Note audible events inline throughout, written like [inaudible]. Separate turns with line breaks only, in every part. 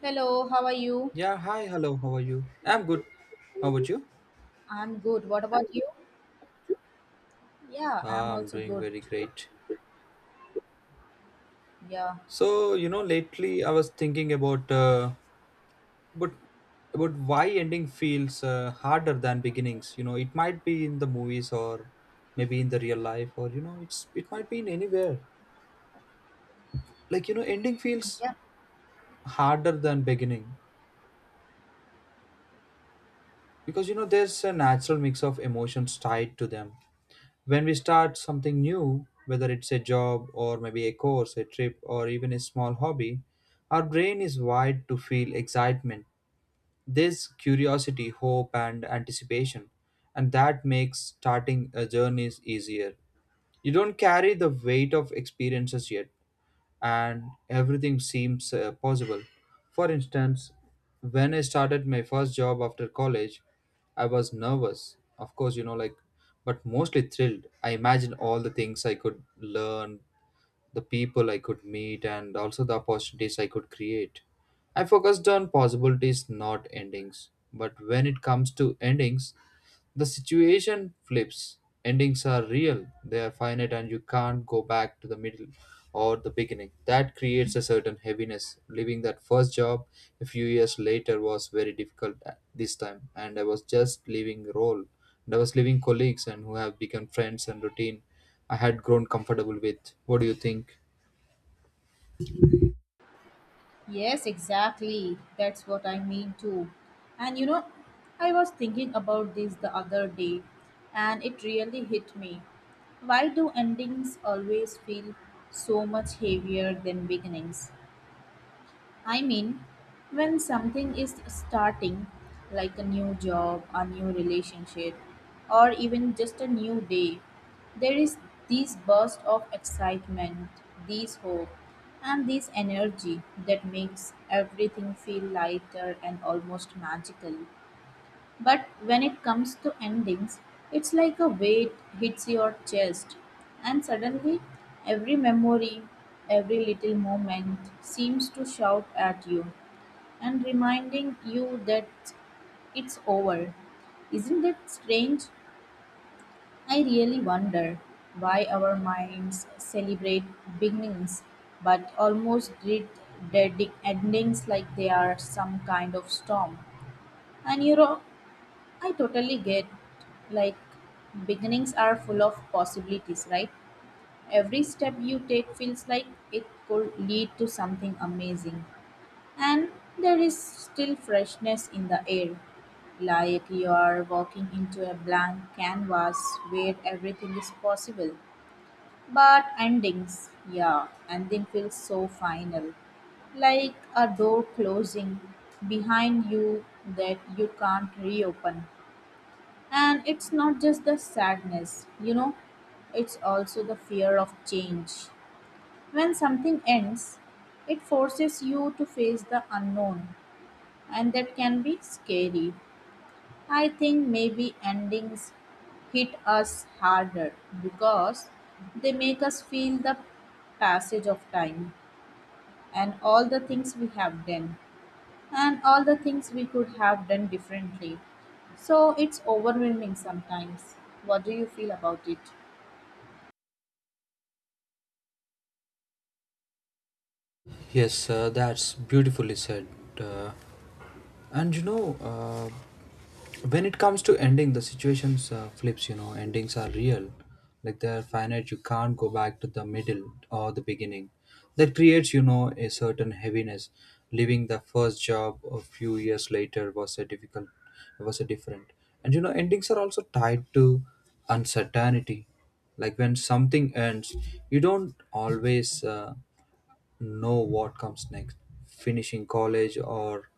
Hello, how are you?
Yeah, hi, hello, how are you? I'm good. How about you?
I'm good. What about you? Yeah, I'm
Ah, I'm
also
doing
good.
very great.
Yeah.
So, you know, lately I was thinking about about why ending feels harder than beginnings. You know, it might be in the movies or maybe in the real life, or you know, it might be in anywhere. Like, you know, ending feels
Yeah.
harder than beginning because you know there's a natural mix of emotions tied to them. When we start something new, whether it's a job or maybe a course, a trip, or even a small hobby, our brain is wired to feel excitement. This curiosity, hope, and anticipation, and that makes starting a journey easier. You don't carry the weight of experiences yet, and everything seems possible. For instance, when I started my first job after college, I was nervous, of course, you know, like, but mostly thrilled. I imagined all the things I could learn, the people I could meet, and also the opportunities I could create. I focused on possibilities, not endings. But when it comes to endings, the situation flips. Endings are real, they are finite, and you can't go back to the middle or the beginning. That creates a certain heaviness. Leaving that first job a few years later was very difficult at this time, and I was just leaving role. And I was leaving colleagues and who have become friends and routine I had grown comfortable with. What do you think?
Yes, exactly. That's what I mean too. And you know, I was thinking about this the other day and it really hit me. Why do endings always feel so much heavier than beginnings? I mean, when something is starting, like a new job, a new relationship, or even just a new day, there is this burst of excitement, this hope, and this energy that makes everything feel lighter and almost magical. But when it comes to endings, it's like a weight hits your chest, and suddenly every memory, every little moment seems to shout at you and reminding you that it's over. Isn't it strange? I really wonder why our minds celebrate beginnings but almost treat their endings like they are some kind of storm. And you know, I totally get like beginnings are full of possibilities, right? Every step you take feels like it could lead to something amazing. And there is still freshness in the air. Like you are walking into a blank canvas where everything is possible. But endings, yeah, ending feels so final like a door closing behind you that you can't reopen. And it's not just the sadness, you know, it's also the fear of change. When something ends, it forces you to face the unknown, and that can be scary. I think maybe endings hit us harder because they make us feel the passage of time and all the things we have done and all the things we could have done differently. So it's overwhelming sometimes. What do you feel about it?
Yes, that's beautifully said. Uh, and you know, when it comes to ending the situations flips, you know, endings are real, like they are finite, you can't go back to the middle or the beginning. That creates, you know, a certain heaviness. Leaving the first job a few years later was a different. And you know, endings are also tied to uncertainty, like when something ends you don't always know what comes next. Finishing college or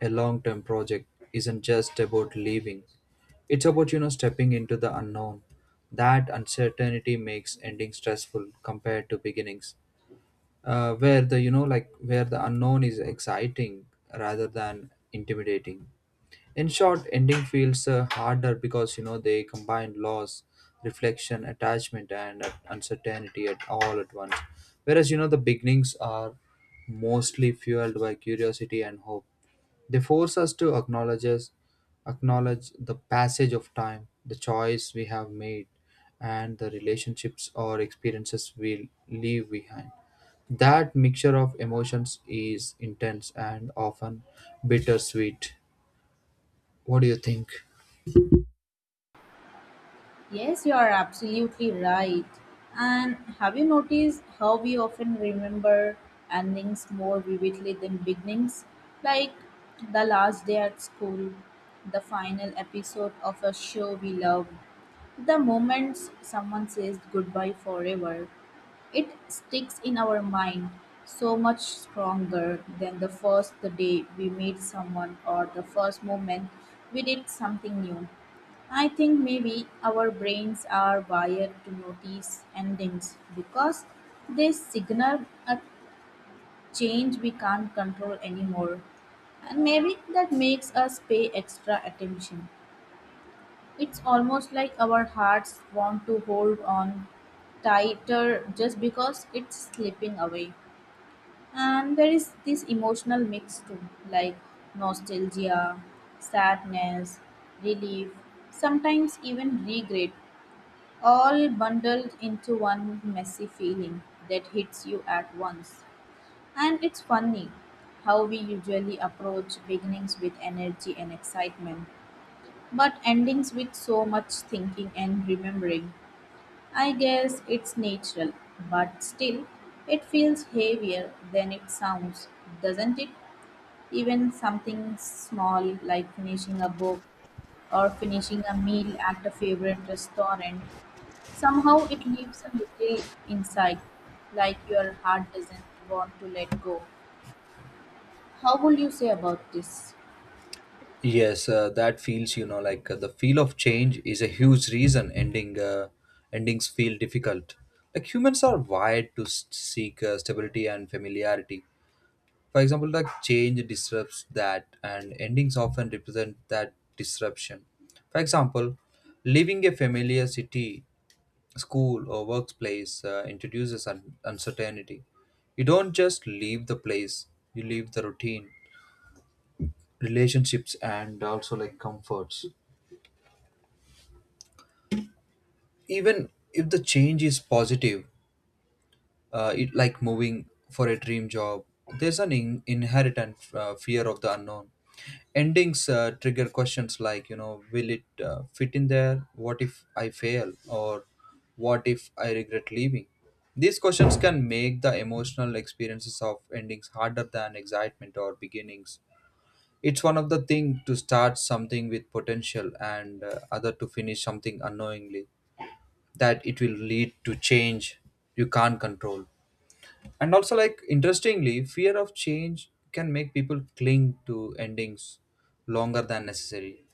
a long term project isn't just about leaving, it's about, you know, stepping into the unknown. That uncertainty makes ending stressful compared to beginnings, where the you know like where the unknown is exciting rather than intimidating. In short, ending feels harder because you know they combine loss, reflection, attachment, and uncertainty at all at once, whereas you know the beginnings are mostly fueled by curiosity and hope. They force us to acknowledge the passage of time, the choice we have made, and the relationships or experiences we leave behind. That mixture of emotions is intense and often bittersweet. What do you think?
Yes, you are absolutely right. And have you noticed how we often remember endings more vividly than beginnings? Like the last day at school, the final episode of a show we loved, the moments someone says goodbye forever. It sticks in our mind so much stronger than the first the day we meet someone or the first moment we did something new. I think maybe our brains are wired to notice endings because they signal a change we can't control anymore. And maybe that makes us pay extra attention. It's almost like our hearts want to hold on tighter just because it's slipping away. And there is this emotional mix too, like nostalgia, sadness, relief, sometimes even regret, all bundled into one messy feeling that hits you at once. And it's funny how we usually approach beginnings with energy and excitement, but endings with so much thinking and remembering, I guess it's natural, but still, it feels heavier than it sounds, doesn't it? Even something small like finishing a book or finishing a meal at a favorite restaurant, somehow it leaves a little inside, like your heart doesn't want to let go. How will you say about this?
Yes, that feels, you know, like the feel of change is a huge reason endings feel difficult. Like humans are wired to seek stability and familiarity. For example, like change disrupts that, and endings often represent that disruption. For example, leaving a familiar city, school, or workplace introduces uncertainty. You don't just leave the place, you leave the routine, relationships, and also like comforts. Even if the change is positive, it like moving for a dream job, there's an inherent fear of the unknown. Endings trigger questions like, you know, will it fit in there, what if I fail, or what if I regret leaving? These questions can make the emotional experiences of endings harder than excitement or beginnings. It's one of the thing to start something with potential, and other to finish something unknowingly that it will lead to change you can't control. And also, like, interestingly, fear of change can make people cling to endings longer than necessary.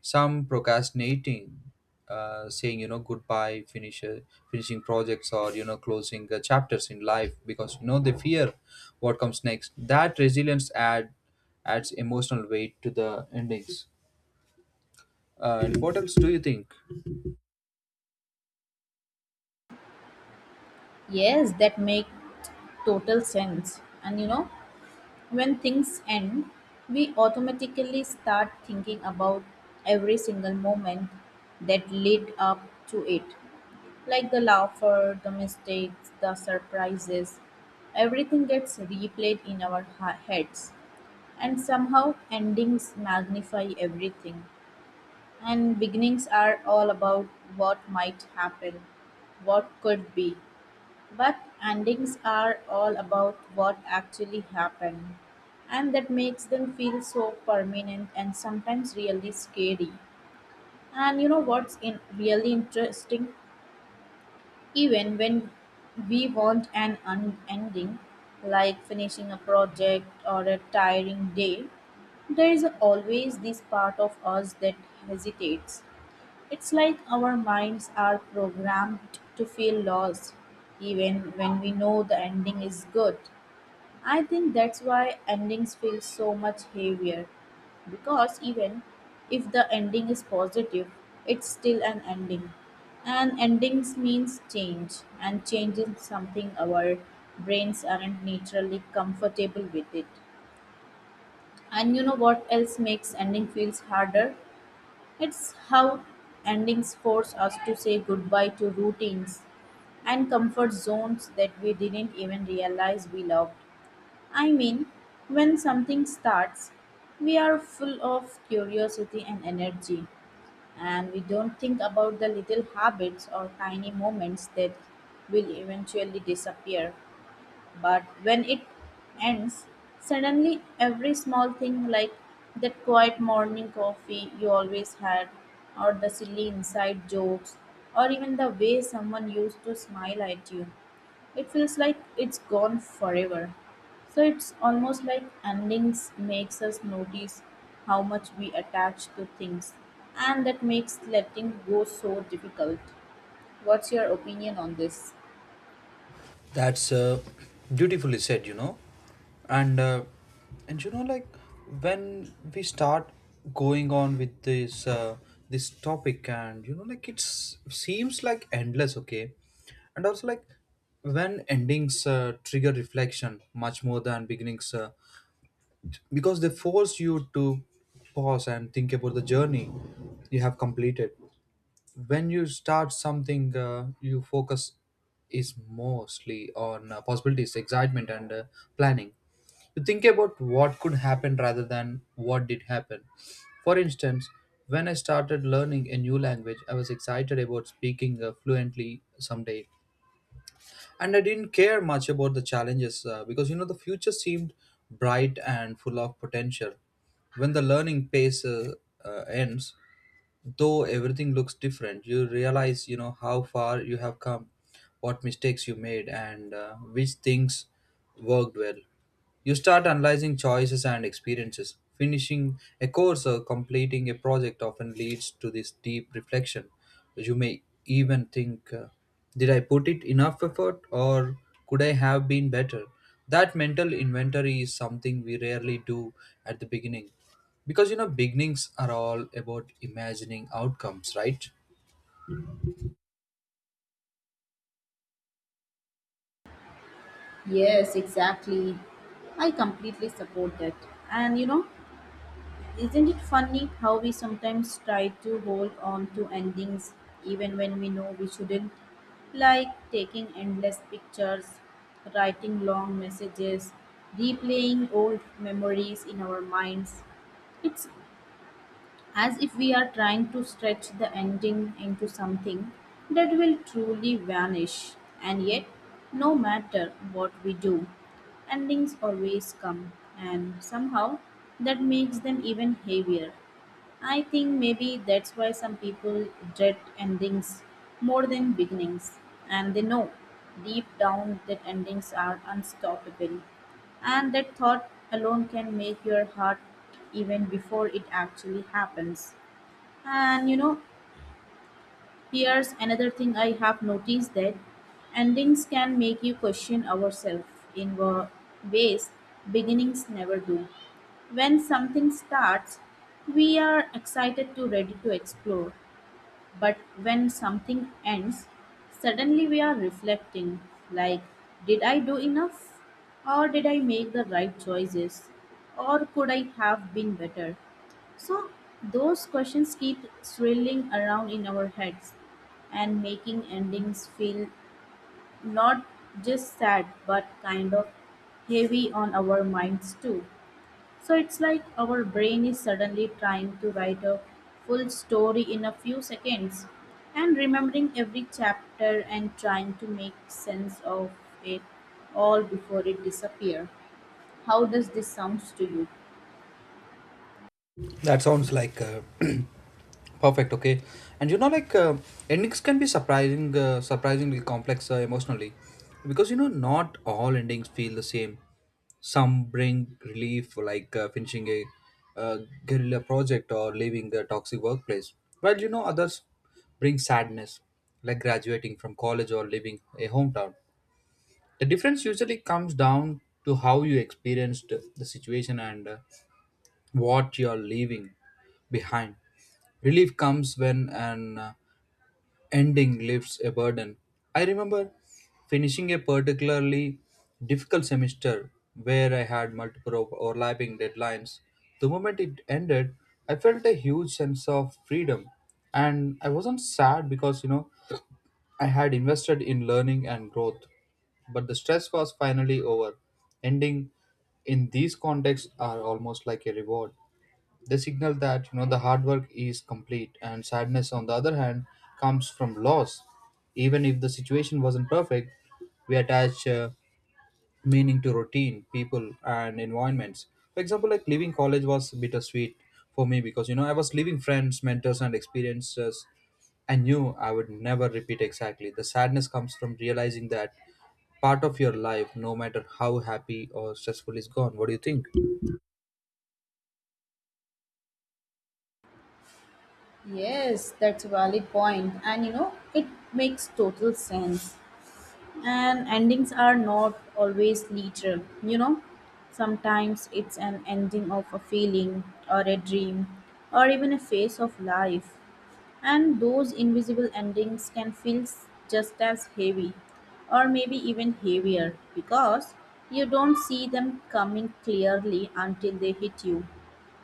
Some procrastinating, saying, you know, goodbye, finishing projects, or, you know, closing chapters in life because, you know, they fear what comes next. That resilience adds emotional weight to the endings. And what else do you think?
Yes, that makes total sense. And you know, when things end, we automatically start thinking about every single moment that led up to it. Like the laughter, the mistakes, the surprises, everything gets replayed in our heads. And somehow, endings magnify everything. And beginnings are all about what might happen, what could be, but endings are all about what actually happened, and that makes them feel so permanent and sometimes really scary. And you know what's in really interesting? Even when we want an ending, like finishing a project or a tiring day, there is always this part of us that hesitates it's like our minds are programmed to feel lost, even when we know the ending is good. I think that's why endings feel so much heavier, because even if the ending is positive, it's still an ending. And endings means change, and change is something our brains aren't naturally comfortable with it. And you know what else makes ending feels harder? It's how endings force us to say goodbye to routines and comfort zones that we didn't even realize we loved. I mean, when something starts, we are full of curiosity and energy, and we don't think about the little habits or tiny moments that will eventually disappear. But when it ends, suddenly every small thing like that quiet morning coffee you always had, or the silly inside jokes, or even the way someone used to smile at you, it feels like it's gone forever. So it's almost like endings makes us notice how much we attach to things and that makes letting go so difficult. What's your opinion on this?
That's beautifully said, you know. And uh, and you know, like when we start going on with this, this topic, and you know, like it's seems like endless, okay. And also, like when endings trigger reflection much more than beginnings, because they force you to pause and think about the journey you have completed. When you start something, you focus is mostly on possibilities, excitement, and planning. You think about what could happen rather than what did happen. For instance, when I started learning a new language, I was excited about speaking fluently someday, and I didn't care much about the challenges, because you know the future seemed bright and full of potential. When the learning pace ends, though, everything looks different. You realize, you know, how far you have come, what mistakes you made, and which things worked well. You start analyzing choices and experiences. Finishing a course or completing a project often leads to this deep reflection. You may even think, did I put it enough effort, or could I have been better? That mental inventory is something we rarely do at the beginning, because you know, beginnings are all about imagining outcomes, right?
Yes, exactly. I completely support that. And you know, isn't it funny how we sometimes try to hold on to endings even when we know we shouldn't? Like taking endless pictures, writing long messages, replaying old memories in our minds. It's as if we are trying to stretch the ending into something that will truly vanish. And yet, no matter what we do, endings always come, and somehow that makes them even heavier. I think maybe that's why some people dread endings more than beginnings, and they know deep down that endings are unstoppable, and that thought alone can make your heart even before it actually happens. And you know, here's another thing I have noticed that endings can make you question ourselves in ways beginnings never do. When something starts, we are excited to ready to explore. But when something ends, suddenly we are reflecting like, did I do enough? Or did I make the right choices? Or could I have been better? So, those questions keep swirling around in our heads and making endings feel not just sad but kind of heavy on our minds too. So it's like our brain is suddenly trying to write a full story in a few seconds and remembering every chapter and trying to make sense of it all before it disappears. How does this sounds to you?
That sounds like [clears throat] perfect. Okay. And you know, like endings can be surprising, surprisingly complex emotionally, because you know, not all endings feel the same. Some bring relief, like finishing a uh, guerrilla project or leaving a toxic workplace, while you know, others bring sadness, like graduating from college or leaving a hometown. The difference usually comes down to how you experienced the situation and what you're leaving behind. Relief comes when an ending lifts a burden. I remember finishing a particularly difficult semester where I had multiple overlapping deadlines. The moment it ended, I felt a huge sense of freedom, and I wasn't sad because you know I had invested in learning and growth, but the stress was finally over. Ending in these contexts are almost like a reward. They signal that you know the hard work is complete, and sadness, on the other hand, comes from loss. Even if the situation wasn't perfect, we attach meaning to routine, people, and environments. For example, like leaving college was bittersweet for me because you know I was leaving friends, mentors, and experiences I knew I would never repeat exactly. The sadness comes from realizing that part of your life, no matter how happy or stressful, is gone. What do you think?
Yes, that's a valid point. And you know, it makes total sense. And endings are not always literal, you know. Sometimes it's an ending of a feeling or a dream or even a phase of life. And those invisible endings can feel just as heavy, or maybe even heavier, because you don't see them coming clearly until they hit you.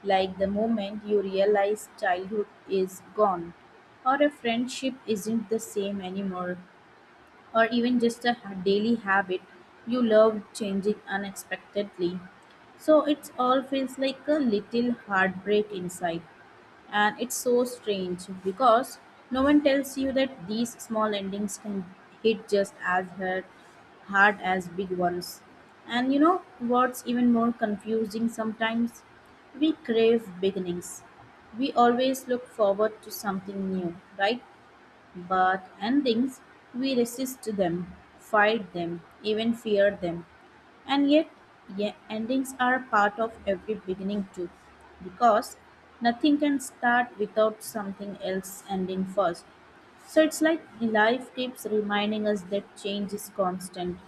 Like the moment you realize childhood is gone, or a friendship isn't the same anymore, or even just a daily habit you love changing unexpectedly. So it all feels like a little heartbreak inside. And it's so strange because no one tells you that these small endings can hit just as hard, hard as big ones. And you know what's even more confusing sometimes? We crave beginnings. We always look forward to something new, right? But endings, we resist them, fight them, even fear them. And yet, yeah, endings are part of every beginning too, because nothing can start without something else ending first. So it's like life keeps reminding us that change is constant.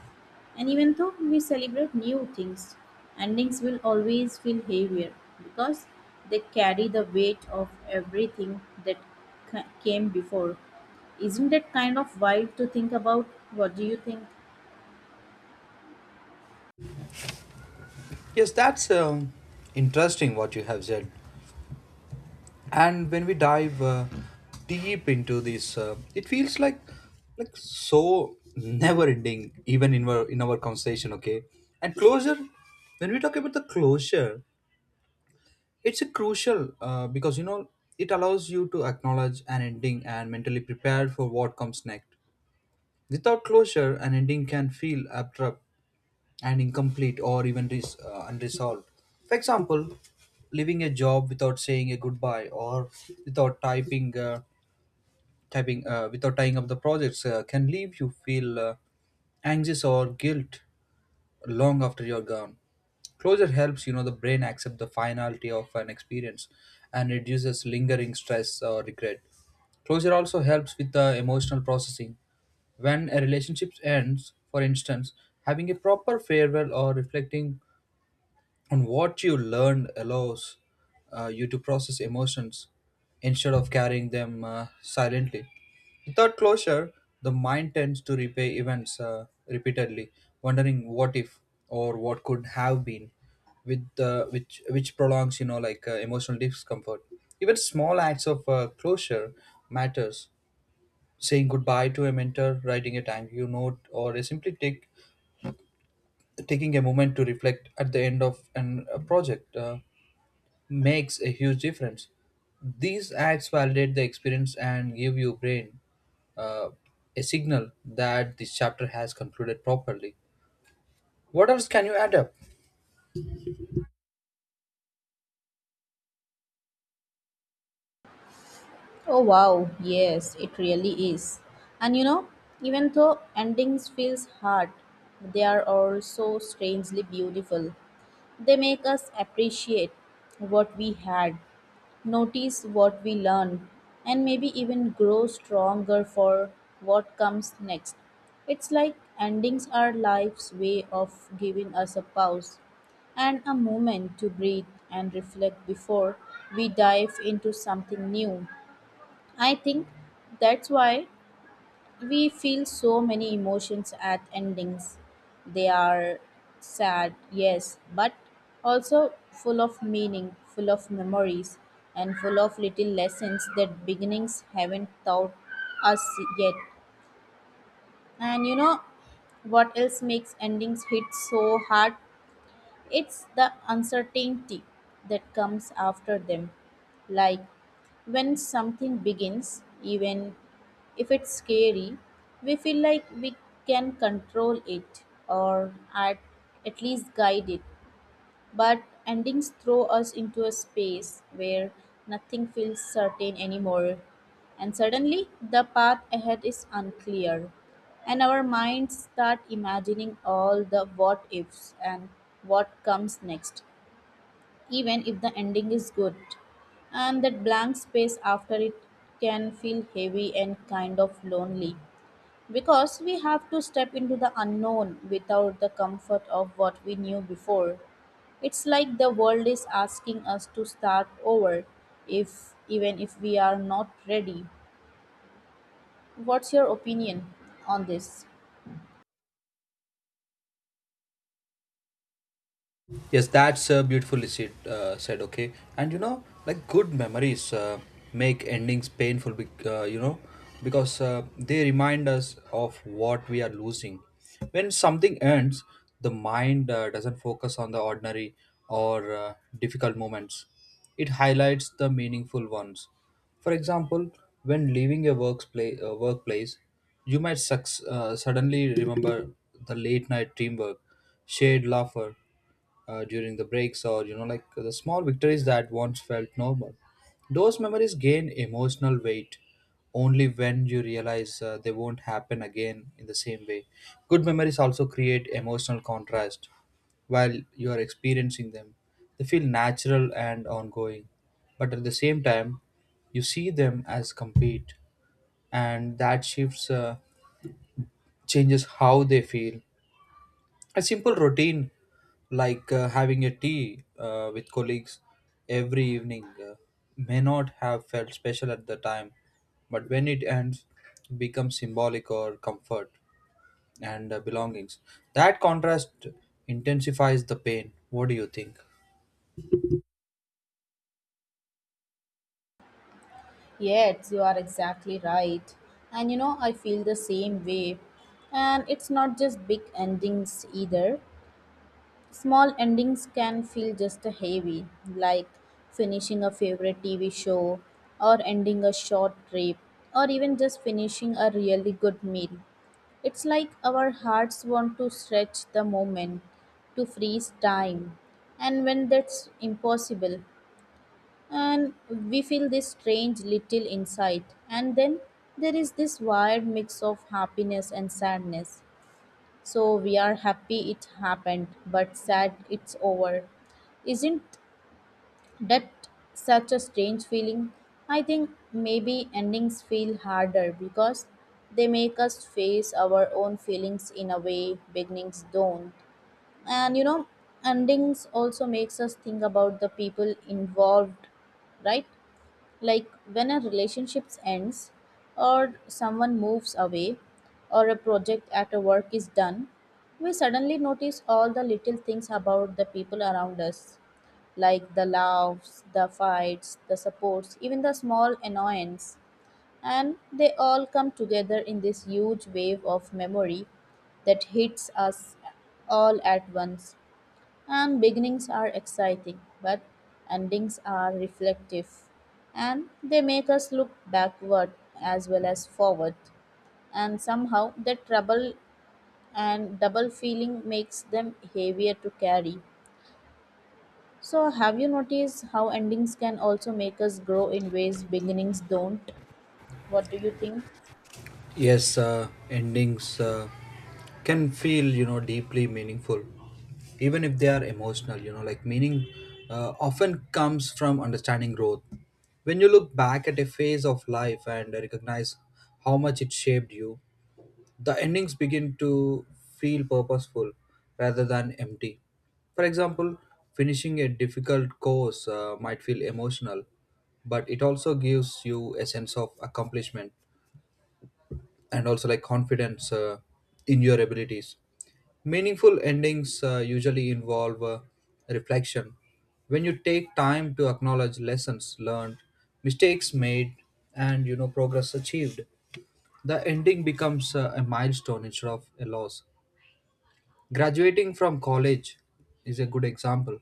And even though we celebrate new things, endings will always feel heavier because they carry the weight of everything that came before. Isn't that kind of wild to think about? What do you think?
Yes, that's interesting what you have said. And when we dive deep into this, it feels like so never ending, even in our conversation, okay. And closure, when we talk about the closure, it's a crucial, because you know it allows you to acknowledge an ending and mentally prepare for what comes next. Without closure, an ending can feel abrupt and incomplete or even unresolved. For example, leaving a job without saying a goodbye or without typing, typing without tying up the projects can leave you feel anxious or guilt long after you're gone. Closure helps, you know, the brain accept the finality of an experience and reduces lingering stress or regret. Closure also helps with the emotional processing. When a relationship ends, for instance, having a proper farewell or reflecting and what you learned allows you to process emotions instead of carrying them silently. Without closure, the mind tends to replay events repeatedly, wondering what if or what could have been, with which prolongs, you know, like emotional discomfort. Even small acts of closure matters. Saying goodbye to a mentor, writing a thank you note, or simply take taking a moment to reflect at the end of a project makes a huge difference. These acts validate the experience and give your brain a signal that this chapter has concluded properly. What else can you add up?
Oh wow, yes, it really is. And you know, even though endings feels hard, they are also strangely beautiful. They make us appreciate what we had, notice what we learned, and maybe even grow stronger for what comes next. It's like endings are life's way of giving us a pause and a moment to breathe and reflect before we dive into something new. I think that's why we feel so many emotions at endings. They are sad, yes, but also full of meaning, full of memories, and full of little lessons that beginnings haven't taught us yet. And you know what else makes endings hit so hard? It's the uncertainty that comes after them. Like when something begins, even if it's scary, we feel like we can control it or at least guide it. But endings throw us into a space where nothing feels certain anymore, and suddenly the path ahead is unclear, and our minds start imagining all the what ifs and what comes next, even if the ending is good. And that blank space after it can feel heavy and kind of lonely. Because we have to step into the unknown without the comfort of what we knew before. It's like the world is asking us to start over if even if we are not ready. What's your opinion on this?
Yes, that's uh, beautifully said. Okay, and you know, like good memories make endings painful. You know, because they remind us of what we are losing. When something ends, the mind doesn't focus on the ordinary or difficult moments. It highlights the meaningful ones. For example, when leaving your workplace, you might suddenly remember the late night teamwork, shared laughter during the breaks, or you know like the small victories that once felt normal. Those memories gain emotional weight only when you realize they won't happen again in the same way. Good memories also create emotional contrast. While you are experiencing them, they feel natural and ongoing, but at the same time you see them as complete, and that shifts changes how they feel. A simple routine like having a tea with colleagues every evening may not have felt special at the time, but when it ends it becomes symbolic or comfort and belongings. That contrast intensifies the pain. What do you think?
Yes, you are exactly right. And you know, I feel the same way. And it's not just big endings either. Small endings can feel just heavy, like finishing a favorite TV show, or ending a short trip, or even just finishing a really good meal. It's like our hearts want to stretch the moment, to freeze time, and when that's impossible, and we feel this strange little insight, and then there is this wired mix of happiness and sadness so we are happy it happened, but sad it's over. Isn't that such a strange feeling? I think maybe endings feel harder because they make us face our own feelings in a way beginnings don't. And you know, endings also makes us think about the people involved, right? Like when a relationship ends or someone moves away or a project at a work is done we suddenly notice all the little things about the people around us like the laughs the fights the supports even the small annoyance and they all come together in this huge wave of memory that hits us all at once and beginnings are exciting, but endings are reflective. And they make us look backward as well as forward. And somehow the trouble and double feeling makes them heavier to carry. So, have you noticed how endings can also make us grow in ways beginnings don't? What do you think?
Yes, endings can feel, you know, deeply meaningful, even if they are emotional. You know, like meaning often comes from understanding growth. When you look back at a phase of life and recognize how much it shaped you, the endings begin to feel purposeful rather than empty. For example, finishing a difficult course might feel emotional, but it also gives you a sense of accomplishment and also like confidence in your abilities. Meaningful endings usually involve reflection. When you take time to acknowledge lessons learned, mistakes made, and you know progress achieved, the ending becomes a milestone instead of a loss. Graduating from college is a good example.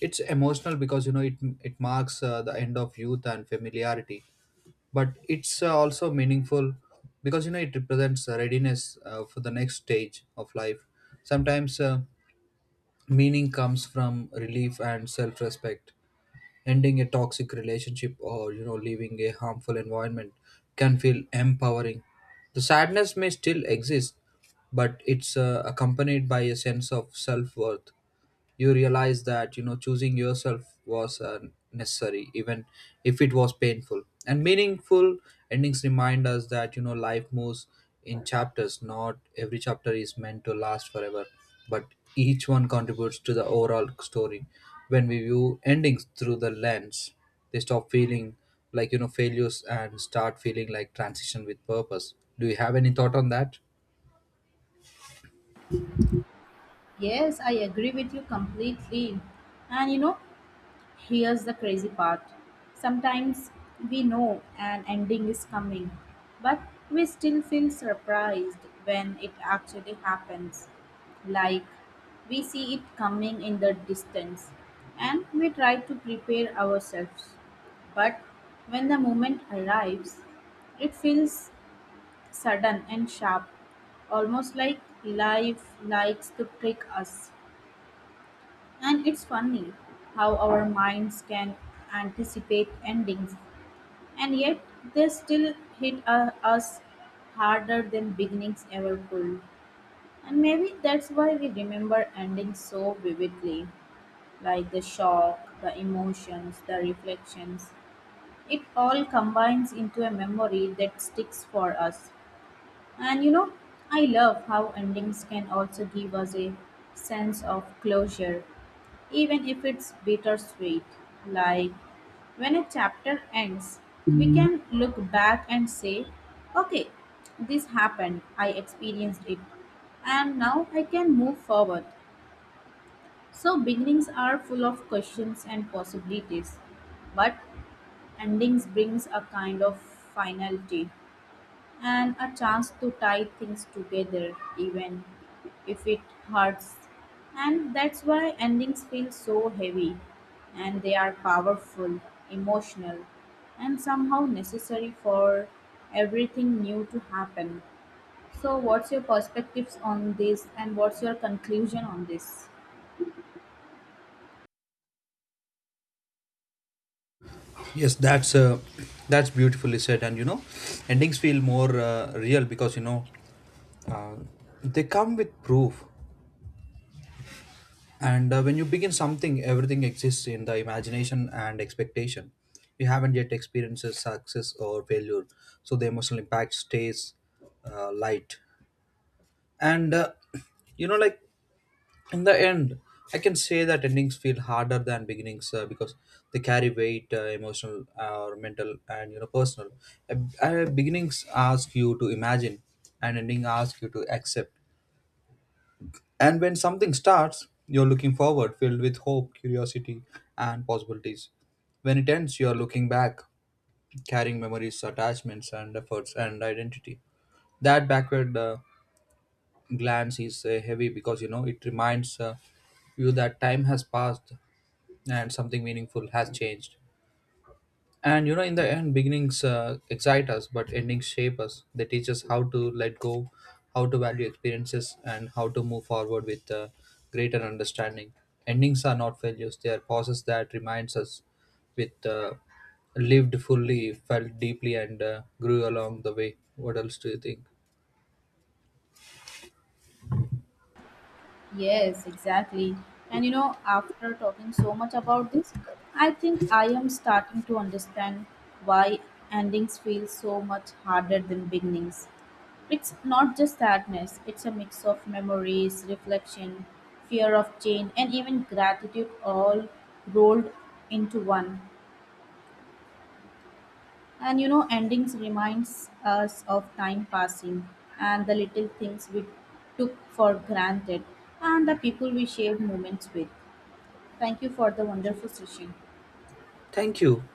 It's emotional because you know it marks the end of youth and familiarity, but it's also meaningful because you know it represents a readiness for the next stage of life. Sometimes meaning comes from relief and self-respect. Ending a toxic relationship or you know leaving a harmful environment can feel empowering. The sadness may still exist, but it's accompanied by a sense of self-worth. You realize that you know choosing yourself was necessary, even if it was painful. And meaningful endings remind us that you know life moves in chapters. Not every chapter is meant to last forever, but each one contributes to the overall story. When we view endings through the lens, they stop feeling like you know failures and start feeling like transition with purpose. Do you have any thought on that?
Yes, I agree with you completely. And you know, here's the crazy part. Sometimes we know an ending is coming, but we still feel surprised when it actually happens. Like we see it coming in the distance and we try to prepare ourselves. But when the moment arrives, it feels sudden and sharp, almost like life likes to trick us. And it's funny how our minds can anticipate endings, and yet they still hit us harder than beginnings ever could. And maybe that's why we remember endings so vividly like the shock, the emotions, the reflections. It all combines into a memory that sticks for us. And you know, I love how endings can also give us a sense of closure, even if it's bittersweet. Like when a chapter ends, we can look back and say, okay, this happened, I experienced it, and now I can move forward. So, beginnings are full of questions and possibilities, but endings brings a kind of finality and a chance to tie things together even if it hurts and that's why endings feel so heavy and they are powerful emotional and somehow necessary for everything new to happen so what's your perspectives on this and what's your conclusion on this?
Yes, that's beautifully said, and you know, endings feel more real because you know uh, they come with proof. And when you begin something, everything exists in the imagination and expectation. You haven't yet experienced success or failure, so the emotional impact stays light. And [clears throat] you know, like in the end I can say that endings feel harder than beginnings, because they carry weight, emotional, or mental, and you know personal. uh, Beginnings ask you to imagine, and ending ask you to accept. And when something starts, you're looking forward, filled with hope, curiosity, and possibilities. When it ends, you're looking back, carrying memories, attachments, and efforts, and identity. That backward glance is heavy because you know it reminds you that time has passed and something meaningful has changed. And you know, in the end, beginnings excite us, but endings shape us. They teach us how to let go, how to value experiences, and how to move forward with greater understanding. Endings are not failures; they are pauses that reminds us with lived fully, felt deeply, and grew along the way. What else do you think?
Yes, exactly. And you know, after talking so much about this, I think I am starting to understand why endings feel so much harder than beginnings. It's not just sadness, it's a mix of memories, reflection, fear of change, and even gratitude all rolled into one. And you know, endings reminds us of time passing and the little things we took for granted and the people we shared moments with. Thank you for the wonderful session.
Thank you.